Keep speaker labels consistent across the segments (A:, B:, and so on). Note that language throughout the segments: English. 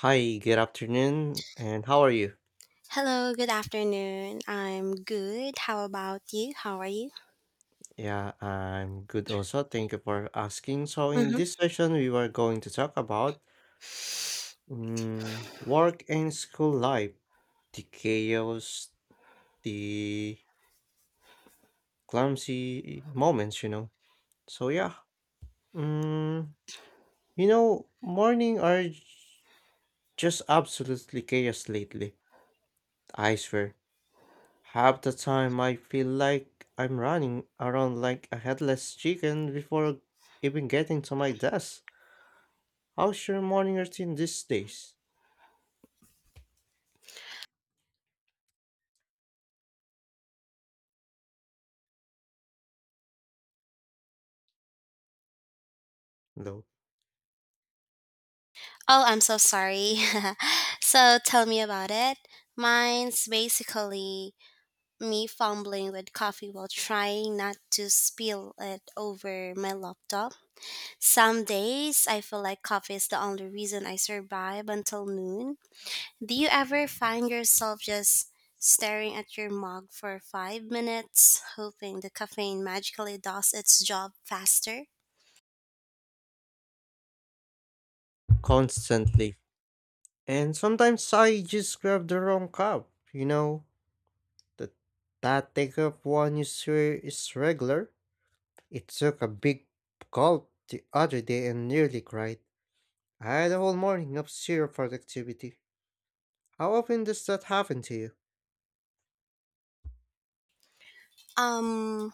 A: Hi, good afternoon, and how are you?
B: Hello, good afternoon. I'm good. How about you? How are you?
A: Yeah, I'm good also. Thank you for asking. So, in
B: hmm
A: this session, we were going to talk about work and school life, the chaos, the clumsy moments, you know. So, yeah, mm, you know, morning are j- just absolutely chaos lately, I swear. Half the time I feel like I'm running around like a headless chicken before even getting to my desk. How's your morning routine these days? Though,
B: Oh, I'm so sorry. So tell me about it. Mine's basically me fumbling with coffee while trying not to spill it over my laptop. Some days I feel like coffee is the only reason I survive until noon. Do you ever find yourself just staring at your mug for 5 minutes, hoping the caffeine magically does its job faster?
A: constantly. And sometimes I just grab the wrong cup, you know? That, that take up one you swear is regular. It took a big gulp the other day and nearly cried. I had a whole morning of zero productivity. How often does that happen to you?
B: Um,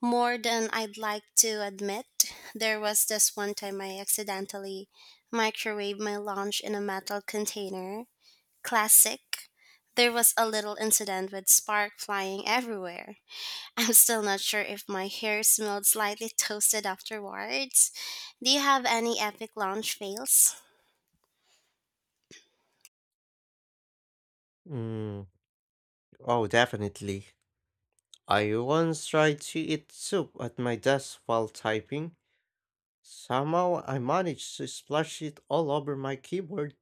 B: More than I'd like to admit, there was this one time I accidentally microwaved my lunch in a metal container. Classic. There was a little incident with spark flying everywhere. I'm still not sure if my hair smelled slightly toasted afterwards. Do you have any epic lunch fails?
A: Mm, oh, definitely. I once tried to eat soup at my desk while typing. Somehow I managed to splash it all over my keyboard.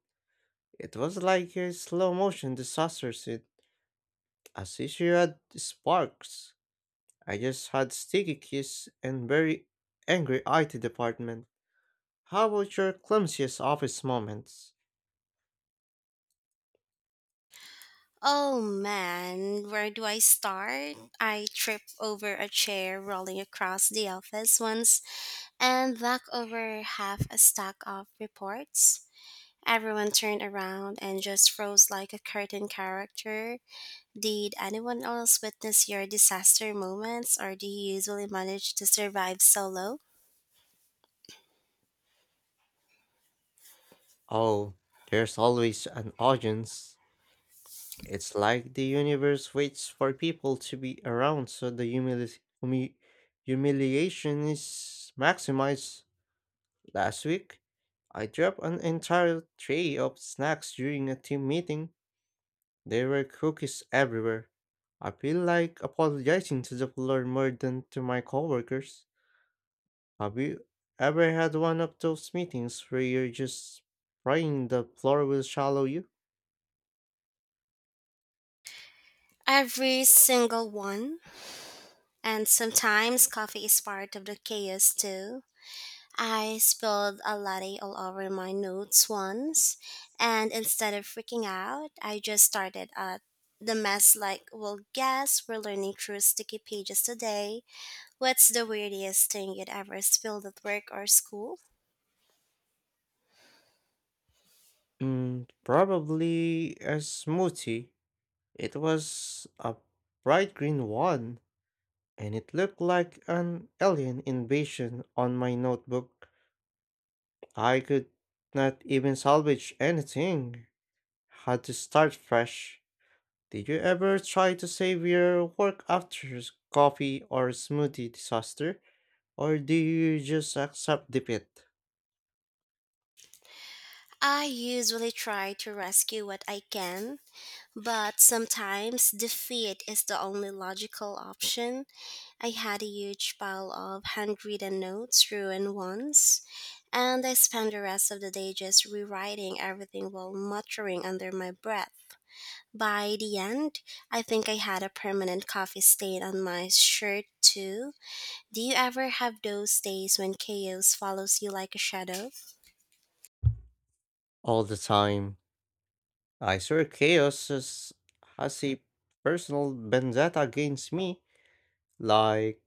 A: It was like a slow motion disaster scene, as if you had sparks. I just had sticky keys and very angry IT department. How about your clumsiest office moments?
B: Oh man, where do I start? I tripped over a chair rolling across the office once and back over half a stack of reports. Everyone turned around and just froze like a cartoon character. Did anyone else witness your disaster moments, or do you usually manage to survive solo?
A: Oh, there's always an audience. It's like the universe waits for people to be around so the humiliation is maximized. Last week, I dropped an entire tray of snacks during a team meeting. There were cookies everywhere. I feel like apologizing to the floor more than to my coworkers. Have you ever had one of those meetings where you're just praying the floor will swallow you?
B: Every single one. And sometimes coffee is part of the chaos too. I spilled a latte all over my notes once, and instead of freaking out, I just started at the mess like, well, guess we're learning through sticky pages today. What's the weirdest thing you'd ever spilled at work or school?
A: Probably a smoothie. It was a bright green one, and it looked like an alien invasion on my notebook. I could not even salvage anything. Had to start fresh. Did you ever try to save your work after coffee or smoothie disaster? Or do you just accept defeat
B: I usually try to rescue what I can, but sometimes defeat is the only logical option. I had a huge pile of handwritten notes ruined once, and I spent the rest of the day just rewriting everything while muttering under my breath. By the end, I think I had a permanent coffee stain on my shirt too. Do you ever have those days when chaos follows you like a shadow?
A: all the time? I swear chaos has a personal vendetta against me. Like,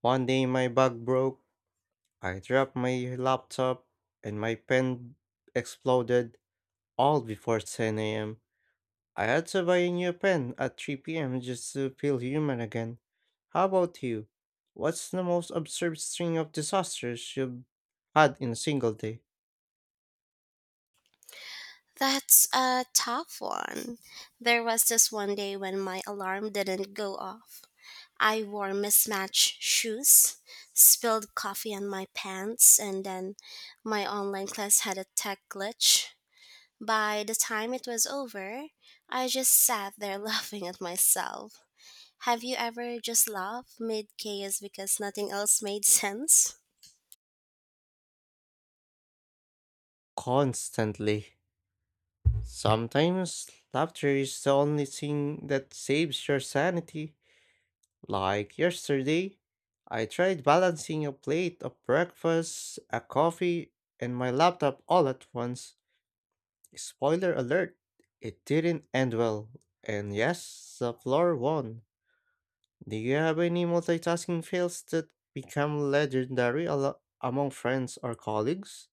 A: one day my bag broke, I dropped my laptop and my pen exploded, all before 10 a.m. I had to buy a new pen at 3 p.m. just to feel human again. How about you? What's the most absurd string of disasters you've had in a single day?
B: That's a tough one. There was this one day when my alarm didn't go off. I wore mismatched shoes, spilled coffee on my pants, and then my online class had a tech glitch. By the time it was over, I just sat there laughing at myself. Have you ever just laughed mid chaos because nothing else made sense?
A: Constantly. Sometimes laughter is the only thing that saves your sanity. Like yesterday, I tried balancing a plate of breakfast, a coffee, and my laptop all at once. Spoiler alert, it didn't end well. And yes, the floor won. Do you have any multitasking fails that become legendary among friends or colleagues?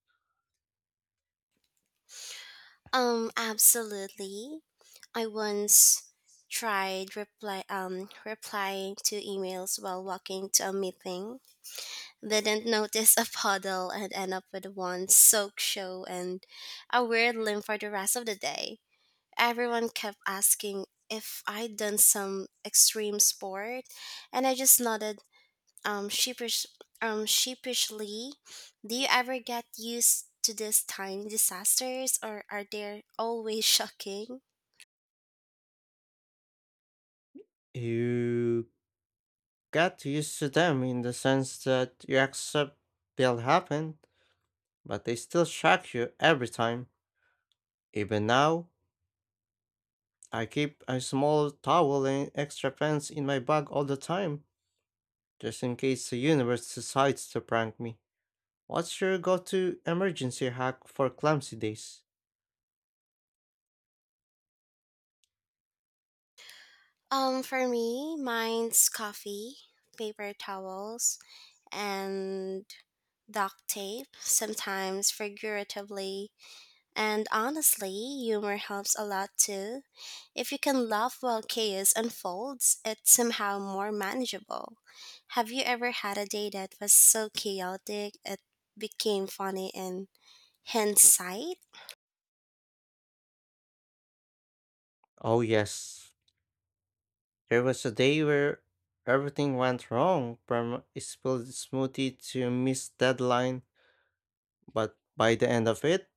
B: Absolutely. I once tried replying to emails while walking to a meeting. Didn't notice a puddle and end up with one soaked show and a weird limp for the rest of the day. Everyone kept asking if I'd done some extreme sport and I just nodded um sheepish sheepishly. Do you ever get used to these tiny disasters or are they always shocking?
A: You get used to them in the sense that you accept they'll happen, but they still shock you every time. Even now, I keep a small towel and extra pants in my bag all the time, just in case the universe decides to prank me. What's your go to emergency hack for clumsy days?
B: For me, mine's coffee, paper towels, and duct tape, sometimes figuratively. And honestly, humor helps a lot too. If you can laugh while chaos unfolds, it's somehow more manageable. Have you ever had a day that was so chaotic it became funny in hindsight?
A: Oh, yes. There was a day where everything went wrong, from a spilled smoothie to a missed deadline, but by the end of it,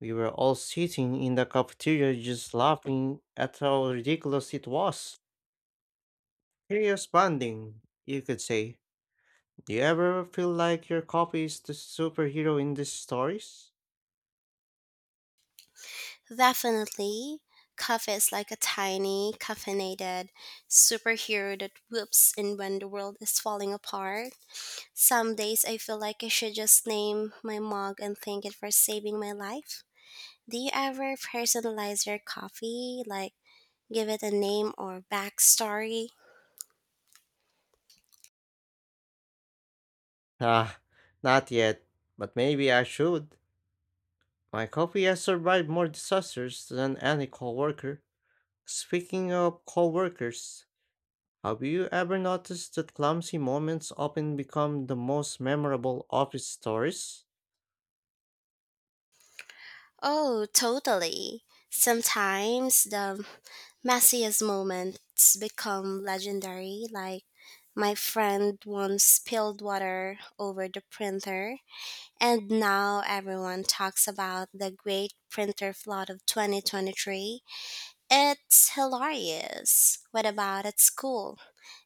A: we were all sitting in the cafeteria just laughing at how ridiculous it was. Curious bonding, you could say. Do you ever feel like your copy is the superhero in these stories?
B: Definitely. Coffee is like a tiny, caffeinated superhero that whoops in when the world is falling apart. Some days I feel like I should just name my mug and thank it for saving my life. Do you ever personalize your coffee? Like, give it a name or backstory?
A: Ah, not yet, but maybe I should. My copy has survived more disasters than any coworker. Speaking of coworkers, have you ever noticed that clumsy moments often become the most memorable office stories?
B: Oh, totally. Sometimes the messiest moments become legendary, like my friend once spilled water over the printer, and now everyone talks about the great printer flood of 2023. It's hilarious. What about at school?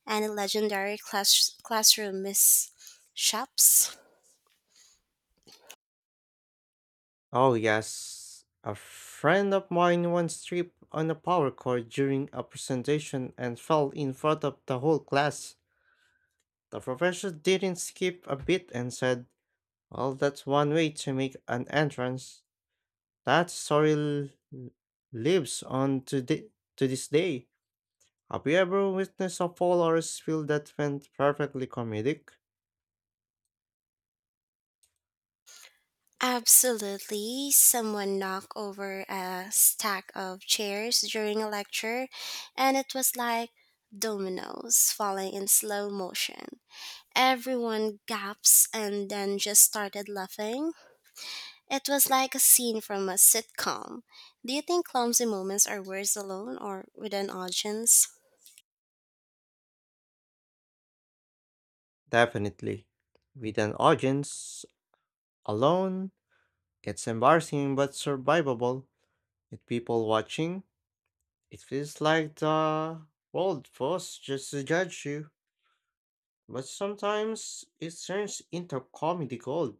B: Any legendary classroom mishaps?
A: Oh, yes. A friend of mine once tripped on a power cord during a presentation and fell in front of the whole class. The professor didn't skip a beat and said, "Well, that's one way to make an entrance." That story l- lives on to, thi- to this day. Have you ever witnessed a fall or a spill that went perfectly comedic?
B: Absolutely. Someone knocked over a stack of chairs during a lecture, and it was like dominoes falling in slow motion. Everyone gasps and then just started laughing. It was like a scene from a sitcom. Do you think clumsy moments are worse alone or with an audience?
A: Definitely. With an audience alone, it's embarrassing but survivable. With people watching, it feels like the world was just to judge you. But sometimes it turns into comedy gold.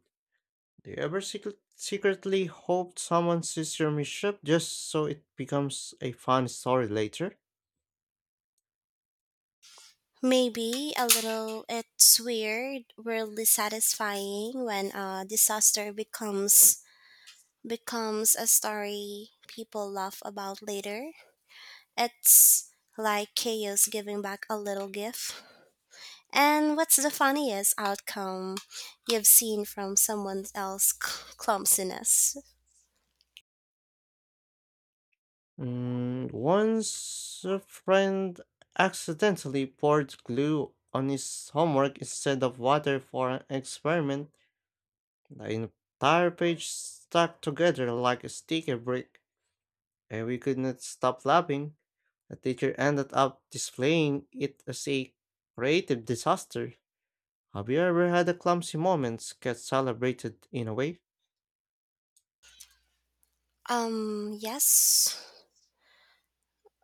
A: Do you ever secretly hope someone sees your mishap just so it becomes a fun story later?
B: Maybe a little. It's weird, weirdly satisfying when a disaster becomes a story people laugh about later. It's like chaos giving back a little gift. And what's the funniest outcome you've seen from someone else's clumsiness?
A: Once a friend accidentally poured glue on his homework instead of water for an experiment. The entire page stuck together like a sticker brick, and we could not stop laughing. The teacher ended up displaying it as a creative disaster. Have you ever had a clumsy moments get celebrated in a way?
B: Yes.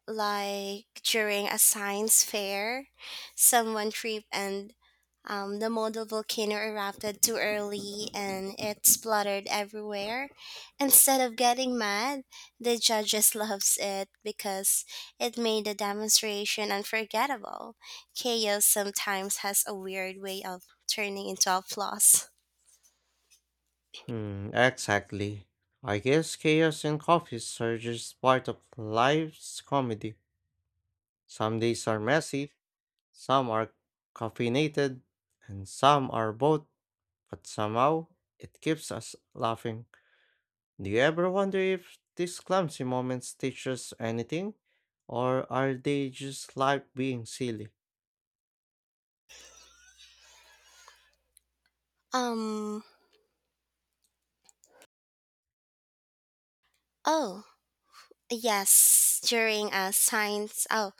B: Like during a science fair, someone tripped and the model volcano erupted too early and it spluttered everywhere. Instead of getting mad, the judges loves it because it made the demonstration unforgettable. Chaos sometimes has a weird way of turning into applause.
A: Hmm, exactly. I guess chaos and coffees are just part of life's comedy. Some days are messy, some are caffeinated, and some are both, but somehow it keeps us laughing. Do you ever wonder if these clumsy moments teach us anything? Or are they just life being silly?
B: Um. Oh. Yes, during a science. Oh,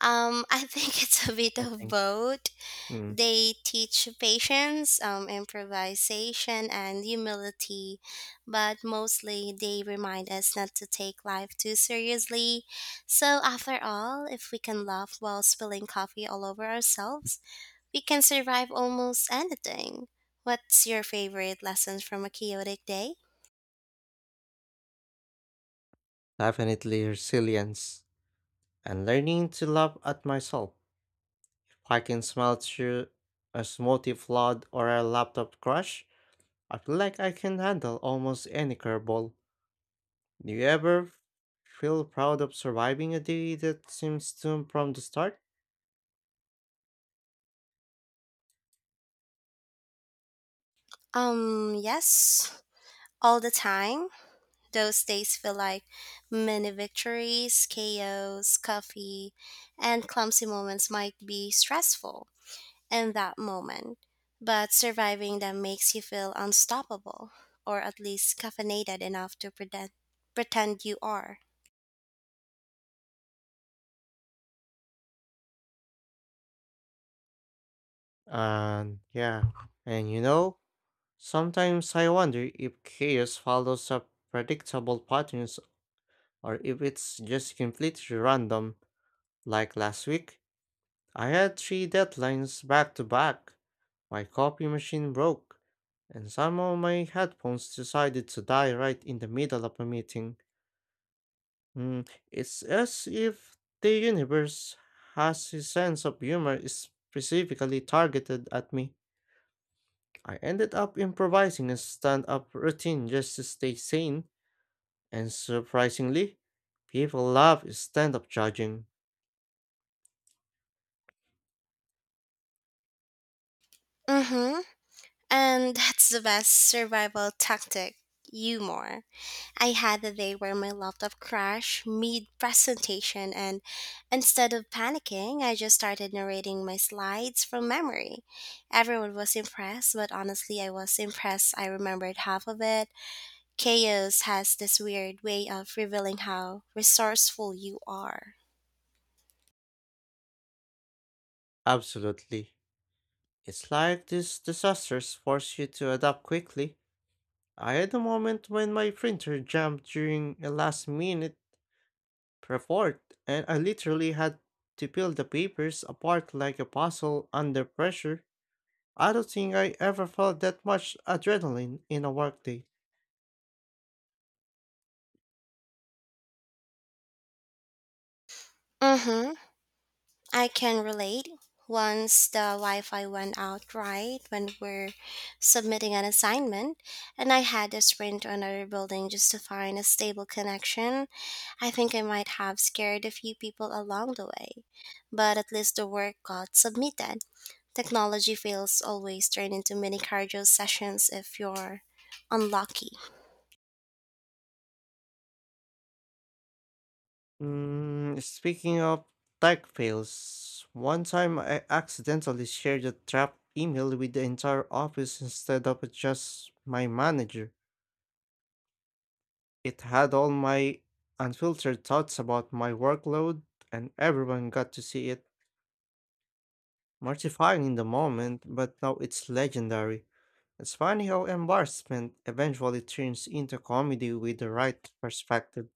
B: I think it's a bit
A: I
B: of
A: think.
B: both.
A: Hmm,
B: They teach patience, improvisation, and humility, but mostly they remind us not to take life too seriously. So, after all, if we can laugh while spilling coffee all over ourselves, we can survive almost anything. What's your favorite lesson from a chaotic day?
A: definitely resilience. And learning to laugh at myself. If I can smile through a smoothie flood or a laptop crash, I feel like I can handle almost any curveball. Do you ever feel proud of surviving a day that seems doomed from the start?
B: Yes, all the time. Those days feel like many victories. Chaos, coffee, and clumsy moments might be stressful in that moment, but surviving them makes you feel unstoppable, or at least caffeinated enough to pretend you are.
A: And yeah, and you know, sometimes I wonder if chaos follows a predictable patterns or if it's just completely random, like last week. I had three deadlines back to back. My copy machine broke, and some of my headphones decided to die right in the middle of a meeting. It's as if the universe has a sense of humor specifically targeted at me. I ended up improvising a stand up routine just to stay sane, and surprisingly, people love stand up judging.
B: Mm-hmm. And that's the best survival tactic, humor. I had a day where my laptop crashed mid presentation, and instead of panicking, I just started narrating my slides from memory. Everyone was impressed, but honestly, I was impressed I remembered half of it. Chaos has this weird way of revealing how resourceful you are.
A: Absolutely. It's like these disasters force you to adapt quickly. I had a moment when my printer jammed during a last minute report, and I literally had to peel the papers apart like a puzzle under pressure. I don't think I ever felt that much adrenaline in a workday.
B: Mm hmm. I can relate. Once the Wi Fi went out right when we're submitting an assignment, and I had to sprint to another building just to find a stable connection. I think I might have scared a few people along the way, but at least the work got submitted. Technology fails always turn into mini cardio sessions if you're unlucky.
A: Speaking of tech fails, one time I accidentally shared a trap email with the entire office instead of just my manager. It had all my unfiltered thoughts about my workload, and everyone got to see it. Mortifying in the moment, but now it's legendary. It's funny how embarrassment eventually turns into comedy with the right perspective.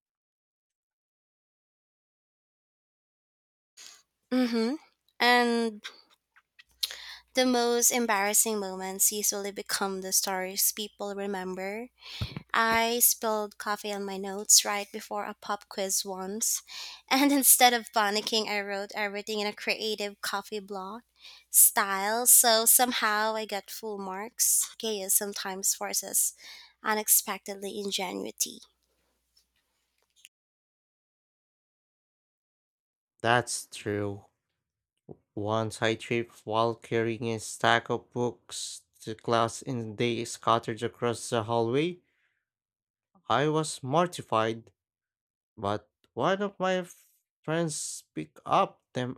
B: Mm-hmm. And the most embarrassing moments usually become the stories people remember. I spilled coffee on my notes right before a pop quiz once, and instead of panicking, I wrote everything in a creative coffee blot style, so somehow I got full marks. Chaos sometimes forces unexpectedly ingenuity.
A: That's true. Once I tripped while carrying a stack of books to class and they scattered across the hallway. I was mortified, but one of my friends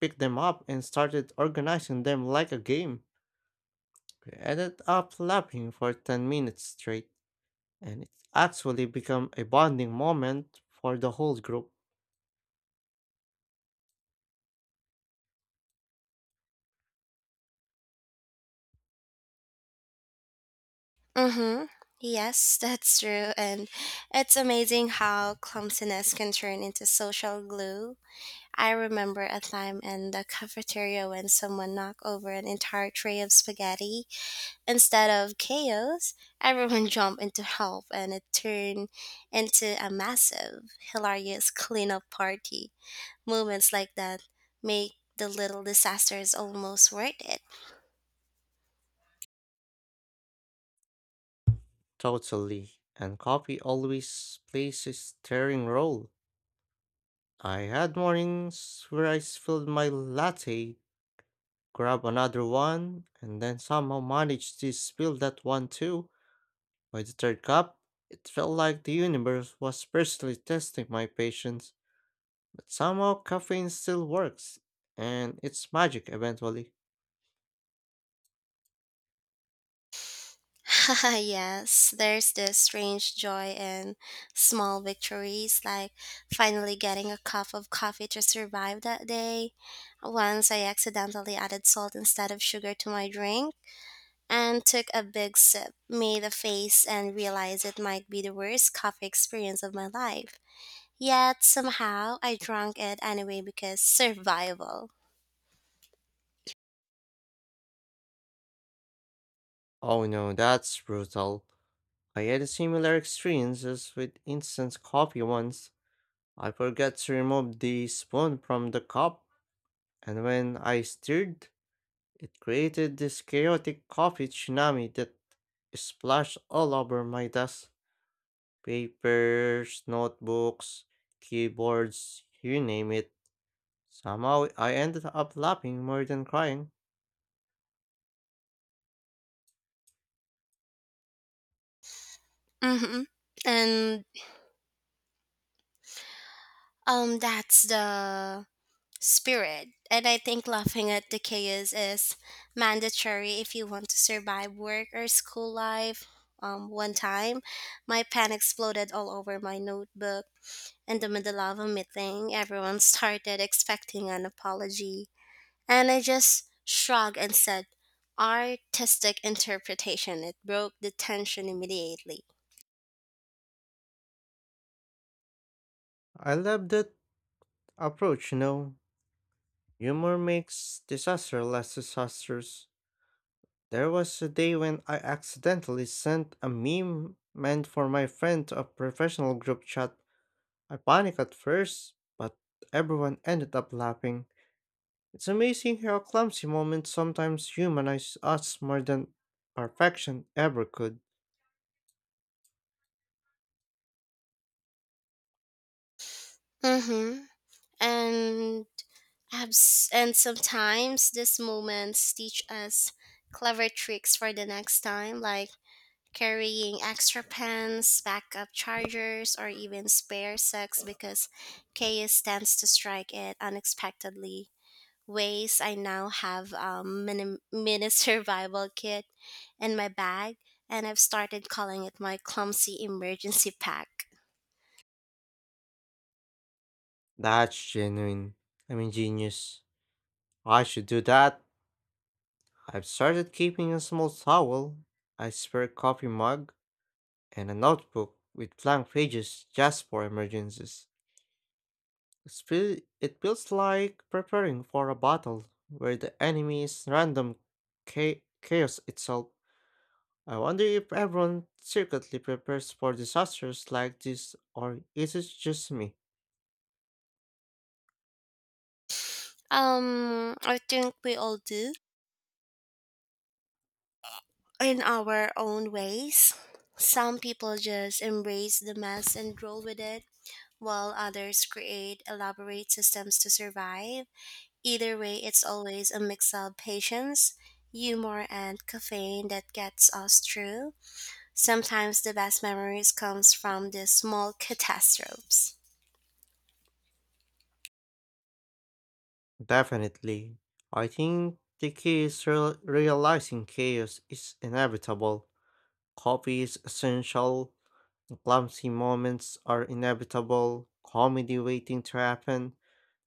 A: picked them up and started organizing them like a game. We ended up laughing for 10 minutes straight, and it actually became a bonding moment for the whole group.
B: Mm-hmm. Yes, that's true, and it's amazing how clumsiness can turn into social glue. I remember a time in the cafeteria when someone knocked over an entire tray of spaghetti. Instead of chaos, everyone jumped in to help and it turned into a massive, hilarious cleanup party. Moments like that make the little disasters almost worth it.
A: Totally. And coffee always plays a steering role. I had mornings where I spilled my latte, grabbed another one, and then somehow managed to spill that one too. By the third cup, it felt like the universe was personally testing my patience, but somehow caffeine still works, and it's magic eventually.
B: Yes, there's this strange joy in small victories, like finally getting a cup of coffee to survive that day. Once I accidentally added salt instead of sugar to my drink and took a big sip, made a face, and realized it might be the worst coffee experience of my life. Yet somehow I drank it anyway because survival.
A: Oh no, that's brutal. I had a similar experiences with instant coffee once. I forgot to remove the spoon from the cup, and when I stirred, it created this chaotic coffee tsunami that splashed all over my desk. Papers, notebooks, keyboards, you name it. Somehow I ended up laughing more than crying.
B: hmm And that's the spirit. And I think laughing at the chaos is mandatory if you want to survive work or school life. One time, my pen exploded all over my notebook in the middle of a meeting. Everyone started expecting an apology, and I just shrugged and said, "Artistic interpretation." It broke the tension immediately.
A: I love that approach, you know. Humor makes disaster less disastrous. There was a day when I accidentally sent a meme meant for my friend to a professional group chat. I panicked at first, but everyone ended up laughing. It's amazing how clumsy moments sometimes humanize us more than perfection ever could.
B: Mm-hmm. And and sometimes these moments teach us clever tricks for the next time, like carrying extra pens, backup chargers, or even spare socks because chaos tends to strike it unexpectedly. Ways I now have mini survival kit in my bag, and I've started calling it my clumsy emergency pack.
A: That's genuine. I mean, genius. I should do that. I've started keeping a small towel, a spare coffee mug, and a notebook with blank pages just for emergencies. It feels like preparing for a battle where the enemy is random chaos itself. I wonder if everyone secretly prepares for disasters like this or is it just me?
B: I think we all do in our own ways. Some people just embrace the mess and roll with it, while others create elaborate systems to survive. Either way, it's always a mix of patience, humor, and caffeine that gets us through. Sometimes the best memories comes from the small catastrophes.
A: Definitely. I think the key is realizing chaos is inevitable. Coffee is essential. The clumsy moments are inevitable. Comedy waiting to happen.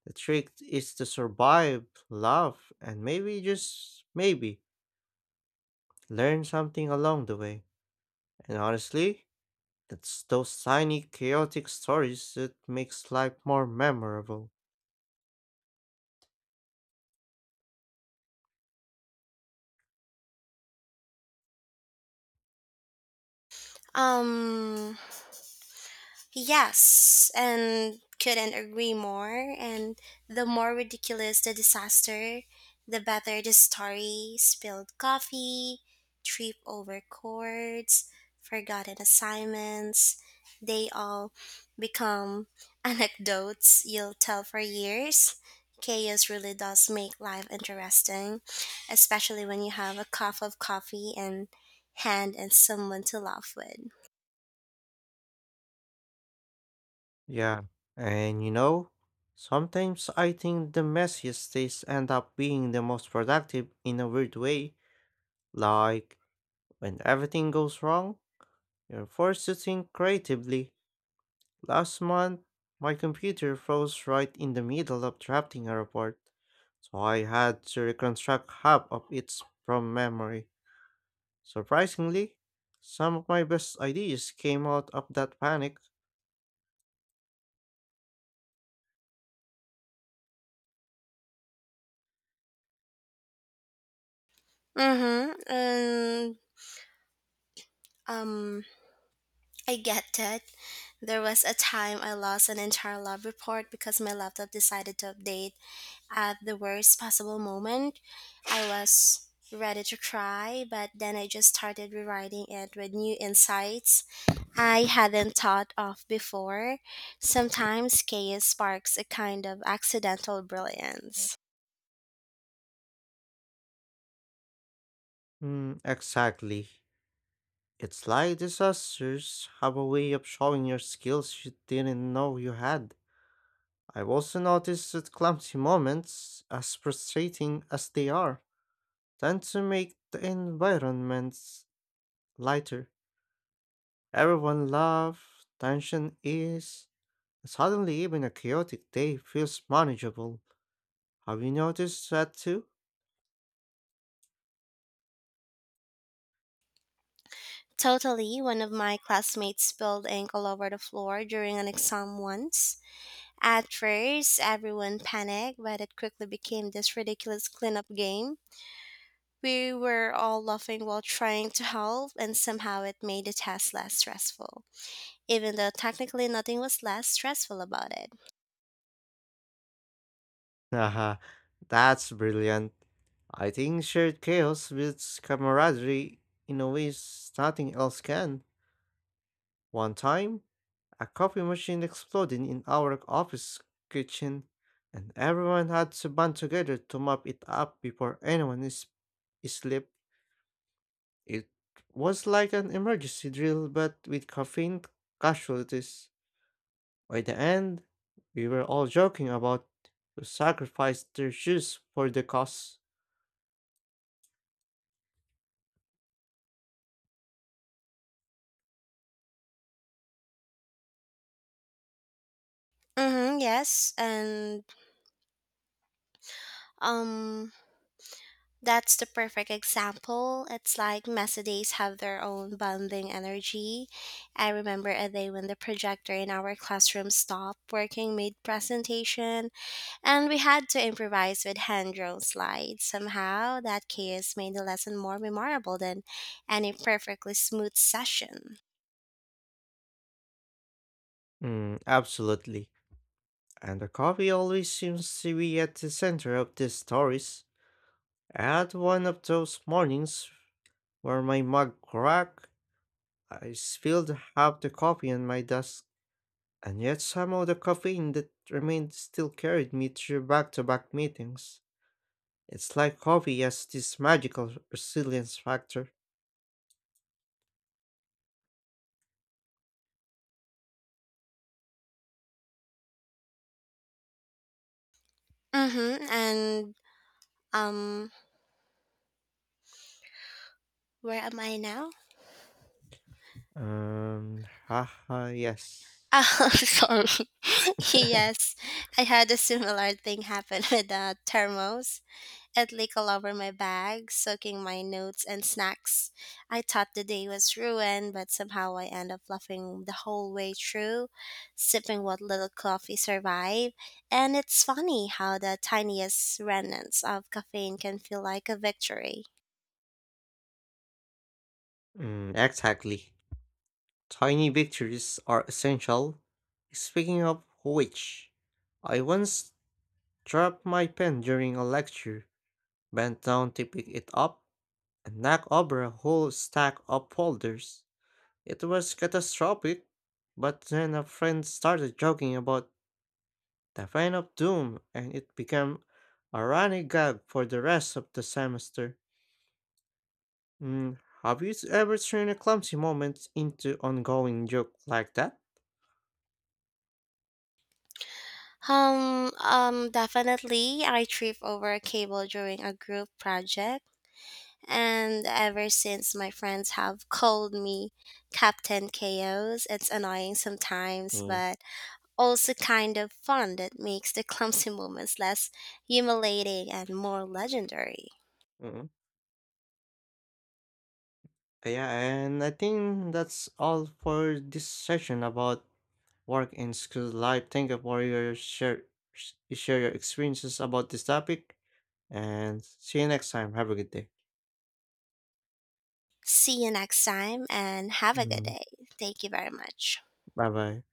A: The trick is to survive, laugh, and maybe just maybe learn something along the way. And honestly, it's those tiny chaotic stories that makes life more memorable.
B: Um, Yes, and couldn't agree more. And the more ridiculous the disaster, the better the story. Spilled coffee, trip over cords, forgotten assignments. They all become anecdotes you'll tell for years. Chaos really does make life interesting, especially when you have a cup of coffee and hand and someone to laugh with.
A: Yeah, and you know, sometimes I think the messiest days end up being the most productive in a weird way. Like, when everything goes wrong, you're forced to think creatively. Last month, my computer froze right in the middle of drafting a report, so I had to reconstruct half of it from memory. Surprisingly, some of my best ideas came out of that panic.
B: Mm-hmm. And Um, I get that. There was a time I lost an entire lab report because my laptop decided to update at the worst possible moment. I was ready to cry, but then I just started rewriting it with new insights I hadn't thought of before. Sometimes chaos sparks a kind of accidental brilliance.
A: Mm, exactly. It's like disasters have a way of showing your skills you didn't know you had. I've also noticed that clumsy moments, as frustrating as they are, tend to make the environments lighter. Everyone laughs, tension ease, and suddenly even a chaotic day feels manageable. Have you noticed that too?
B: Totally, one of my classmates spilled ink all over the floor during an exam once. At first, everyone panicked, but it quickly became this ridiculous cleanup game. We were all laughing while trying to help, and somehow it made the task less stressful, even though technically nothing was less stressful about it.
A: Haha, that's brilliant. I think shared chaos builds camaraderie in a way nothing else can. One time, a coffee machine exploded in our office kitchen, and everyone had to band together to mop it up before anyone is asleep. It was like an emergency drill, but with caffeine casualties. By the end, we were all joking about who sacrificed their shoes for the cause.
B: Mm-hmm, yes, and um, that's the perfect example. It's like messy days have their own bonding energy. I remember a day when the projector in our classroom stopped working mid presentation, and we had to improvise with hand drawn slides. Somehow, that chaos made the lesson more memorable than any perfectly smooth session.
A: Mm, absolutely. And the coffee always seems to be at the center of these stories. I had one of those mornings where my mug cracked, I spilled half the coffee on my desk, and yet somehow the caffeine that remained still carried me through back to back meetings. It's like coffee has this magical resilience factor.
B: Mm-hmm. And um, where am I now?
A: Haha, yes.
B: Oh, sorry. Yes, I had a similar thing happen with the thermos. It leaked all over my bag, soaking my notes and snacks. I thought the day was ruined, but somehow I ended up laughing the whole way through, sipping what little coffee survived. And it's funny how the tiniest remnants of caffeine can feel like a victory.
A: Mm, exactly. Tiny victories are essential. Speaking of which, I once dropped my pen during a lecture, bent down to pick it up, and knock over a whole stack of folders. It was catastrophic, but then a friend started joking about the fan of doom, and it became a running gag for the rest of the semester. Mm, have you ever turned a clumsy moment into ongoing joke like that?
B: Definitely, I tripped over a cable during a group project. And ever since my friends have called me Captain Chaos. It's annoying sometimes,
A: Mm.
B: but also kind of fun that makes the clumsy moments less humiliating and more legendary.
A: Mm. Yeah, and I think that's all for this session about work and school life. Thank you for your share your experiences about this topic. And see you next time. Have a good day.
B: See you next time and have a good
A: Mm,
B: day. Thank you very much.
A: bye bye.